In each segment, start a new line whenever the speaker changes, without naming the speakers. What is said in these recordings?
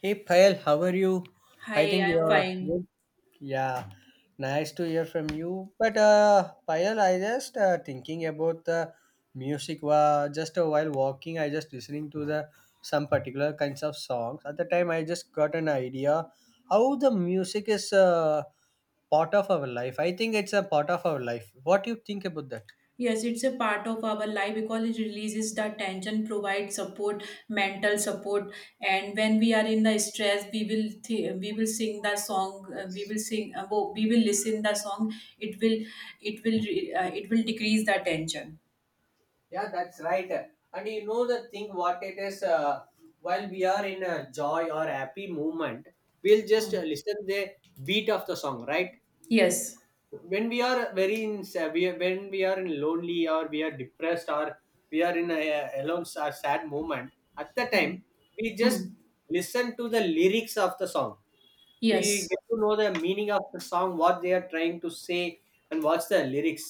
Hey Payal, how are you? I
Hi,
think
I'm
you're
fine.
good. Yeah, nice to hear from you. But Payal, I just thinking about the music. Just a while walking, I just listening to the some particular kinds of songs. At the time, I just got an idea how the music is part of our life. I think it's a part of our life. What do you think about that?
Yes, it's a part of our life because it releases the tension, provides support, mental support, and when we are in the stress, we will sing the song, we will sing, we will listen the song. It will decrease the tension.
Yeah, that's right. And you know the thing what it is while we are in a joy or happy moment, we'll just
Hmm.
uh, listen the beat of the song, right?
Yes.
When we are when we are in lonely or we are depressed or we are in a or sad moment, at the time
Hmm.
we just
Hmm.
listen to the lyrics of the song. We
Yes.
get to know the meaning of the song, what they are trying to say, and what's the lyrics.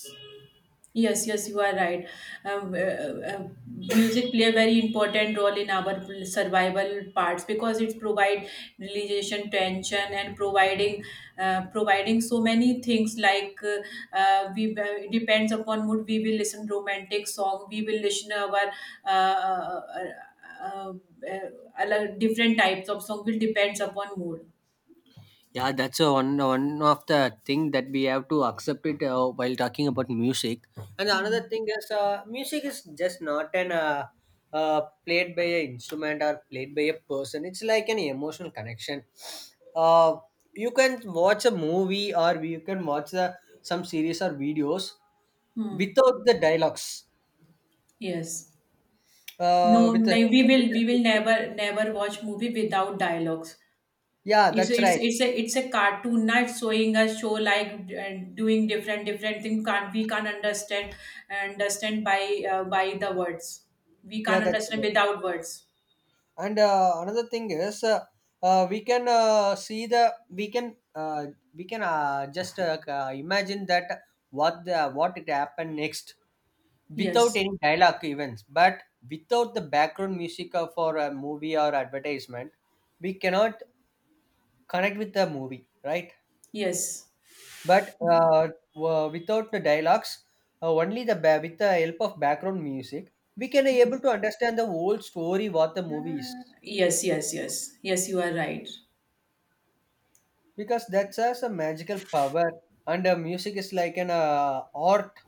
Yes, yes, you are right. Music play a very important role in our survival parts because it provide relaxation, tension, and providing providing so many things like we it depends upon mood. We will listen romantic song. We will listen our uh, uh, uh, uh, different types of song. Will depends upon mood.
Yeah, that's a one of the thing that we have to accept it while talking about music. And another
Hmm.
thing is, music is just not an played by an instrument or played by a person. It's like an emotional connection. Uh, you can watch a movie or you can watch some series or videos
Hmm.
without the dialogues.
Yes.
Uh,
No,
with the,
no, we will never never watch movie without dialogues.
yeah,
It's
that's
it's
right.
it's a it's a cartoon not showing a show like and doing different different thing can't we can't understand understand by the words. We
Yeah,
can't
that's
understand
right.
without words.
And another thing is, we can see the we can imagine that what it happened next without
Yes,
any dialogue events, but without the background music of for a movie or advertisement, we cannot connect with the movie, right?
yes,
But uh, Without the dialogues, with the help of background music, we can able to understand the whole story what the movie is.
yes, yes, yes, yes, you are right.
Because that has a magical power and music is like an art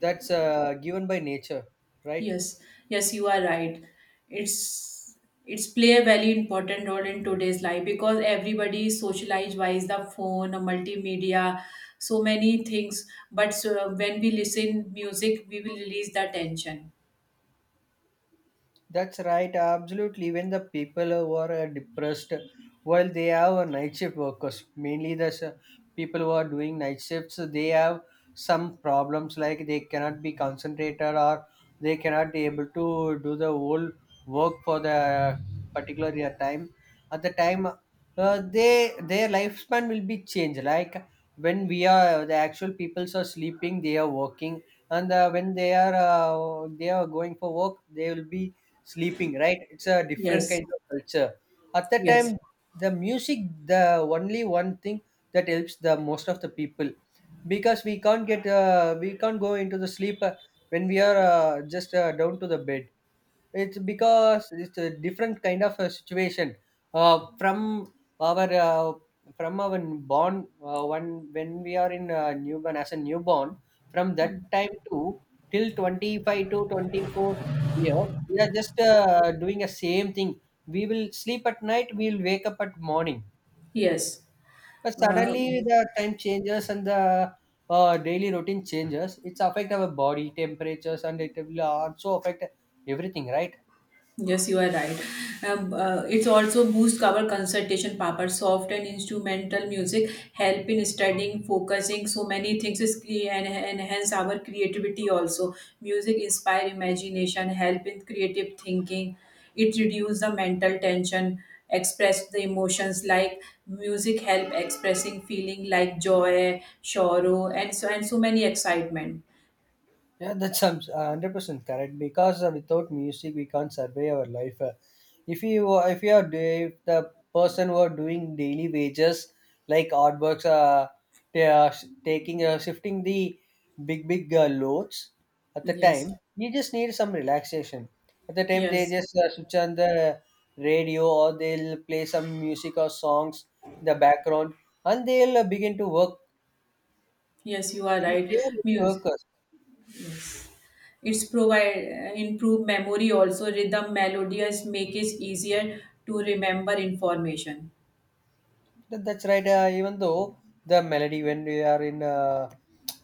that's given by nature, right?
Yes, yes, you are right. It's it's play a very important role in today's life because everybody is socialized by the phone, or multimedia, so many things. But so when we listen music, we will release the tension.
That's right, absolutely. When the people who are depressed, while they have night shift workers, mainly people who are doing night shifts, they have some problems like they cannot be concentrated or they cannot be able to do the whole work for the particular year time. At the time, they their lifespan will be changed. Like when we are the actual peoples are sleeping, they are working, and when they are they are going for work, they will be sleeping, right? It's a different kind
Yes,
of culture. At that
yes.
time, the music, the only one thing that helps the most of the people, because we can't get we can't go into the sleep when we are just down to the bed. It's because it's a different kind of a situation, uh, from our uh, from our born one. When we are in newborn, as a newborn, from that
Mm.
time to till 25 to 24 years, we are just doing a same thing. We will sleep at night, we will wake up at morning.
Yes.
But
Uh,
suddenly the time changes and the daily routine changes. It's affect our body temperatures and it will also affect everything, right?
Yes, you are right. It's also boost our concentration power. Soft and instrumental music help in studying, focusing. So many things is and enhance our creativity. Also, music inspire imagination, help in creative thinking. It reduce the mental tension, express the emotions like music help expressing feeling like joy, sorrow, and so many excitement.
Yeah, that's 100% correct because without music we can't survey our life. If the person who are doing daily wages like artworks, they are taking shifting the big big loads, at the
Yes,
time you just need some relaxation. At the time they
yes,
just switch on the radio, or they'll play some music or songs in the background, and they'll begin to work.
yes. You are
They
right.
are
Music.
workers.
It's provide improve memory also rhythm melodious make it easier to remember information.
That's right. Even though the melody, when we are in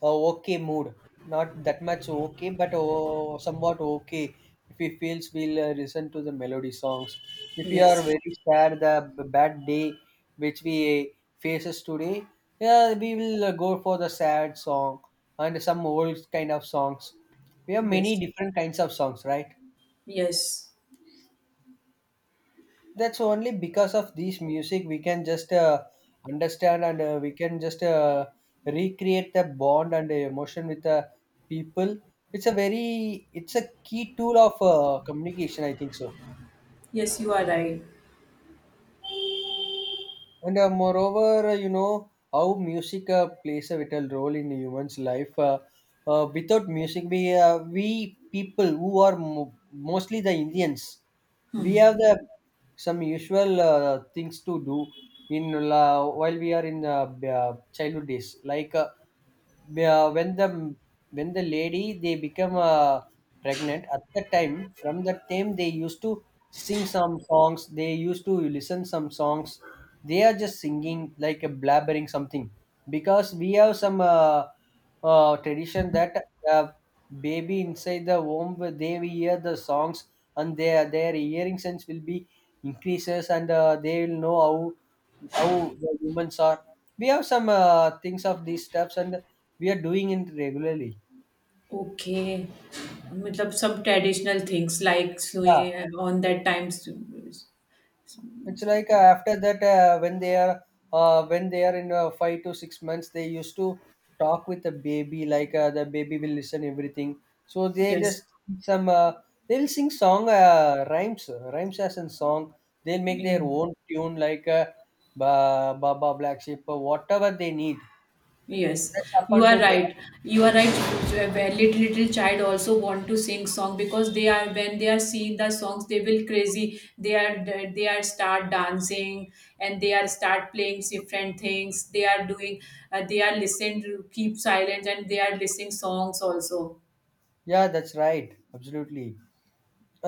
a okay mood, not that much okay, but oh, somewhat okay. If we feels, we'll listen to the melody songs. If we are
Yes,
very sad, the bad day which we faces today, yeah, we will go for the sad song and some old kind of songs. We have many
yes,
different kinds of songs, right?
yes,
That's only because of these music we can just understand and we can just recreate the bond and the emotion with the people. It's a very, it's a key tool of communication, I think so.
yes. You are right.
And moreover, you know how music plays a vital role in human's life. Without music, we people who are mostly the Indians, we have the some usual things to do in while we are in childhood days, like. When the when the lady they become pregnant, at the time from that time they used to sing some songs, they used to listen some songs. They are just singing like a blabbering something, because we have some tradition that uh, baby inside the womb they will hear the songs, and their hearing sense will be increases, and they will know how the humans are. We have some things of these steps, and we are doing it regularly.
Okay, मतलब some traditional things like सुई
Yeah,
on that times.
it's like after that when they are when they are in 5 to 6 months, they used to talk with the baby. Like the baby will listen everything. So they
Yes,
just sing some they'll sing song, rhymes as in song. They'll make
yeah.
their own tune like ba Baba Black Sheep or whatever they need.
Yes,
That's up
you are
unto them.
right. You are right. Where little little child also want to sing song because they are when they are seeing the songs they will crazy. They are start dancing and they are start playing different things. They are doing they are listening to keep silent and they are listening songs also.
Yeah, that's right. Absolutely.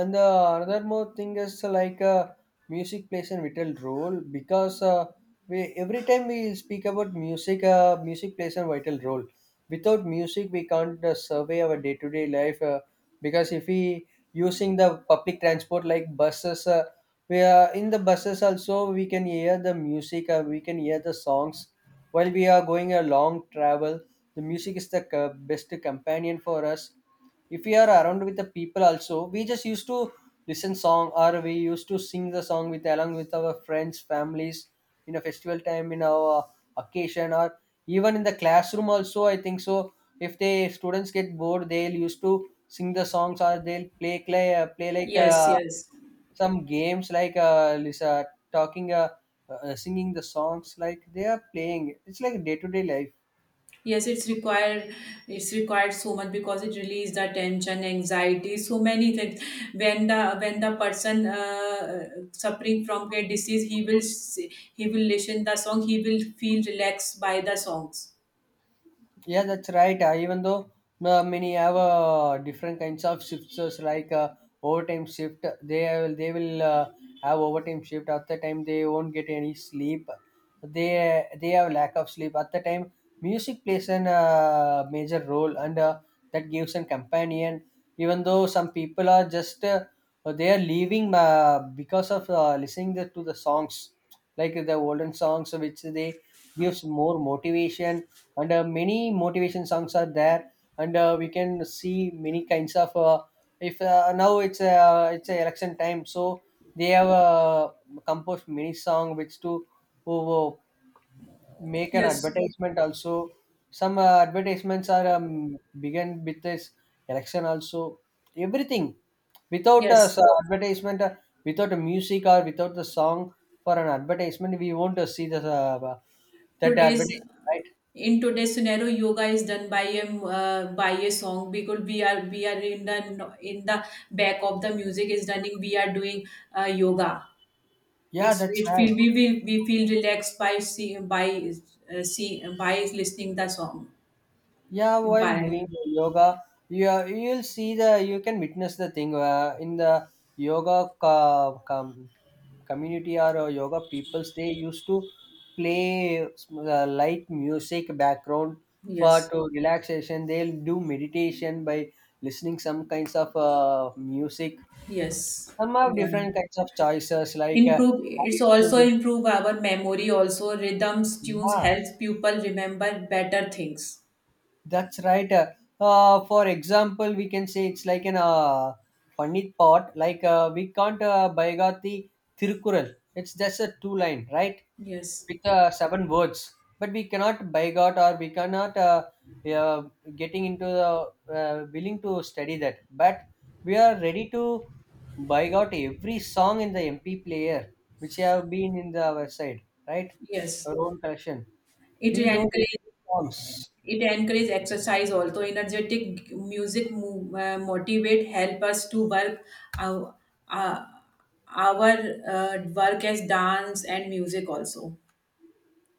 And another more thing is like music plays a vital role because we every time we speak about music, music plays a vital role. Without music we can't survey our day-to-day life, because if we using the public transport like buses, we are in the buses also we can hear the music, we can hear the songs. While we are going a long travel, the music is the best companion for us. If we are around with the people also, we just used to listen song, or we used to sing the song with along with our friends, families, in a festival time, in our occasion, or even in the classroom also. I think so. If the students get bored, they'll used to sing the songs, or they'll play like
Yes,
a
yes.
some games like Lisa talking, singing the songs like they are playing. It's like day to day life.
Yes, it's required. It's required so much because it releases the tension, anxiety, so many things. When the person suffering from a disease, he will listen the song. He will feel relaxed by the songs.
Yeah, that's right. Even though many have different kinds of shifts, like overtime shift, they will have overtime shift. At the time, they won't get any sleep. They they have lack of sleep. At the time, music plays an major role, and that gives an companion. Even though some people are just they are leaving because of listening to the songs, like the olden songs which they gives more motivation, and many motivation songs are there. And we can see many kinds of if now it's a election time, so they have composed many song which to who make an
Yes,
advertisement also. Some advertisements are begin with this election also, everything. without a
yes.
s- advertisement uh, Without a music or without the song for an advertisement, we won't see the that
Today's
advertisement, right?
in today's scenario, yoga is done by a song because we are in the back of the music is running. We are doing yoga.
Yeah,
It's
that's
it
right.
feel we will we feel relaxed by see by see by listening the song
Yeah, while
by.
doing the yoga, you'll see the, you can witness the thing in the yoga community, or yoga peoples, they used to play light music background. For
Yes,
to relaxation they'll do meditation by listening some kinds of music.
yes,
Some have
you are
different kinds of choices like
improve.
I
It's
used to,
also improve our memory also rhythms tunes
yeah.
helps people remember better things.
That's right. For example, we can say it's like an funny thought. Like we can't Baigati Thirukural. It's just a two line, right?
Yes,
With seven words. But we cannot Baigot or we cannot uh, getting into the willing to study that. But we are ready to Baigot every song in the MP player, which have been in the our side, right?
yes,
Our own collection.
it
We know every
encourages.
songs.
It encourages exercise also. Energetic music motivate help us to work our, uh, our work as dance and music also.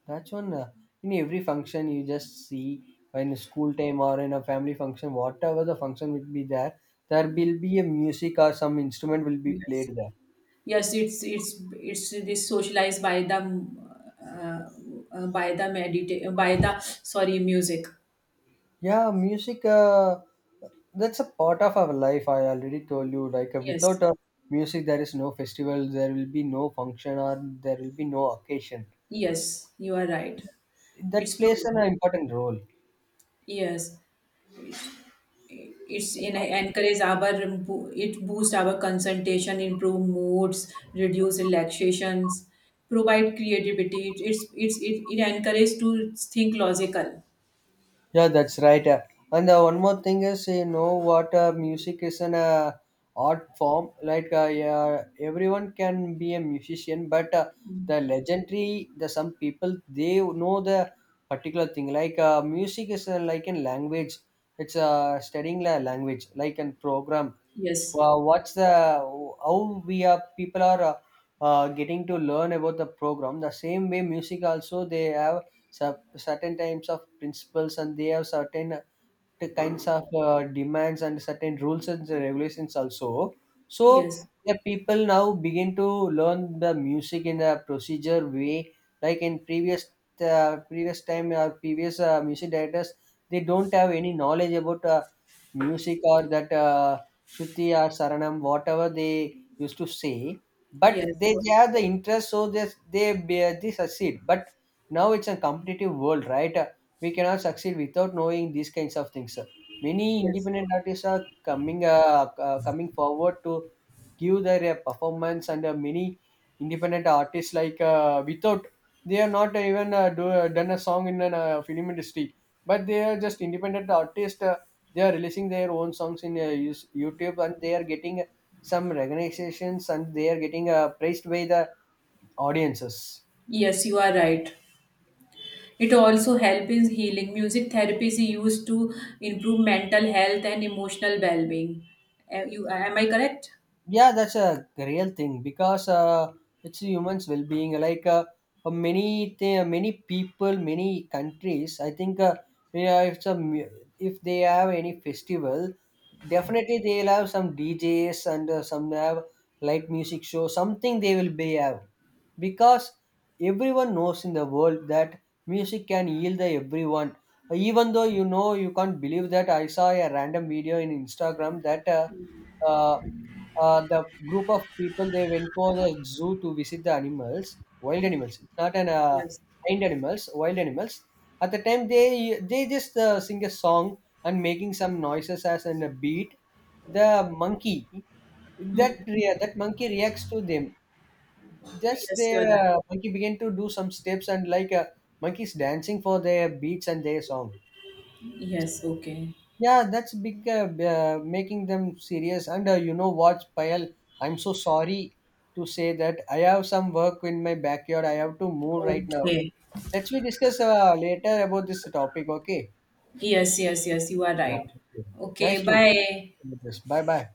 That's one. In every function, you just see in school time or in a family function, whatever the function will be there, there will be a music or some instrument will be
Yes,
played there.
yes, it's it is socialized by the by the by the sorry music.
Yeah, music. That's a part of our life. I already told you. Like
Yes,
without music, there is no festival. There will be no function, or there will be no occasion.
yes, you are right.
That
It's
plays an
proven.
important role.
Yes. It's in encourage our it boosts our concentration, improve moods, reduce relaxations, provide creativity. It encourages to think logical.
Yeah, that's right. And one more thing is, you know, what music is an art form. Like, yeah, everyone can be a musician, but the legendary, the some people they know the particular thing. Like, music is like a language. It's studying a language, like a program.
Yes,
Well, what's the how we are people are getting to learn about the program. The same way, music also, they have certain types of principles, and they have certain the kinds of demands and certain rules and the regulations also. So
yes,
the people now begin to learn the music in a procedure way, like in previous previous time or previous music directors, they don't have any knowledge about music or that Shruti or Saranam, whatever they used to say. But
yes,
they have the interest, so they succeed. But now it's a competitive world, right? We cannot succeed without knowing these kinds of things, sir. Many
yes,
independent artists are coming coming forward to give their performance, and many independent artists like without they are not even done a song in a film industry, but they are just independent artists, they are releasing their own songs in youtube, and they are getting some recognitions, and they are getting praised by the audiences.
yes. You are right. It also helps in healing. Music therapy is used to improve mental health and emotional well-being. Am you am I correct?
Yeah, that's a real thing, because it's humans well-being, like many people, many countries, I think yeah, if some, if they have any festival, definitely they'll have some djs and some have light music show something they will be have. Because everyone knows in the world that music can heal the everyone. Even though, you know, you can't believe that I saw a random video in instagram that uh, the group of people they went for the zoo to visit the animals, wild animals, not an
Yes.
blind animals, wild animals. At the time, they just sing a song and making some noises as and a beat. The monkey, that monkey reacts to them. Just
Yes, you are
the
right.
monkey began to do some steps, and like monkeys dancing for their beats and their song.
Yes. Okay.
Yeah, that's big, making them serious. And you know what, Payal, I'm so sorry to say that I have some work in my backyard. I have to move right now.
Okay.
Let's we discuss later about this topic, okay?
Yes, yes, yes, you are
Yeah.
right.
Okay.
Okay,
Nice to.
bye.
Bye bye.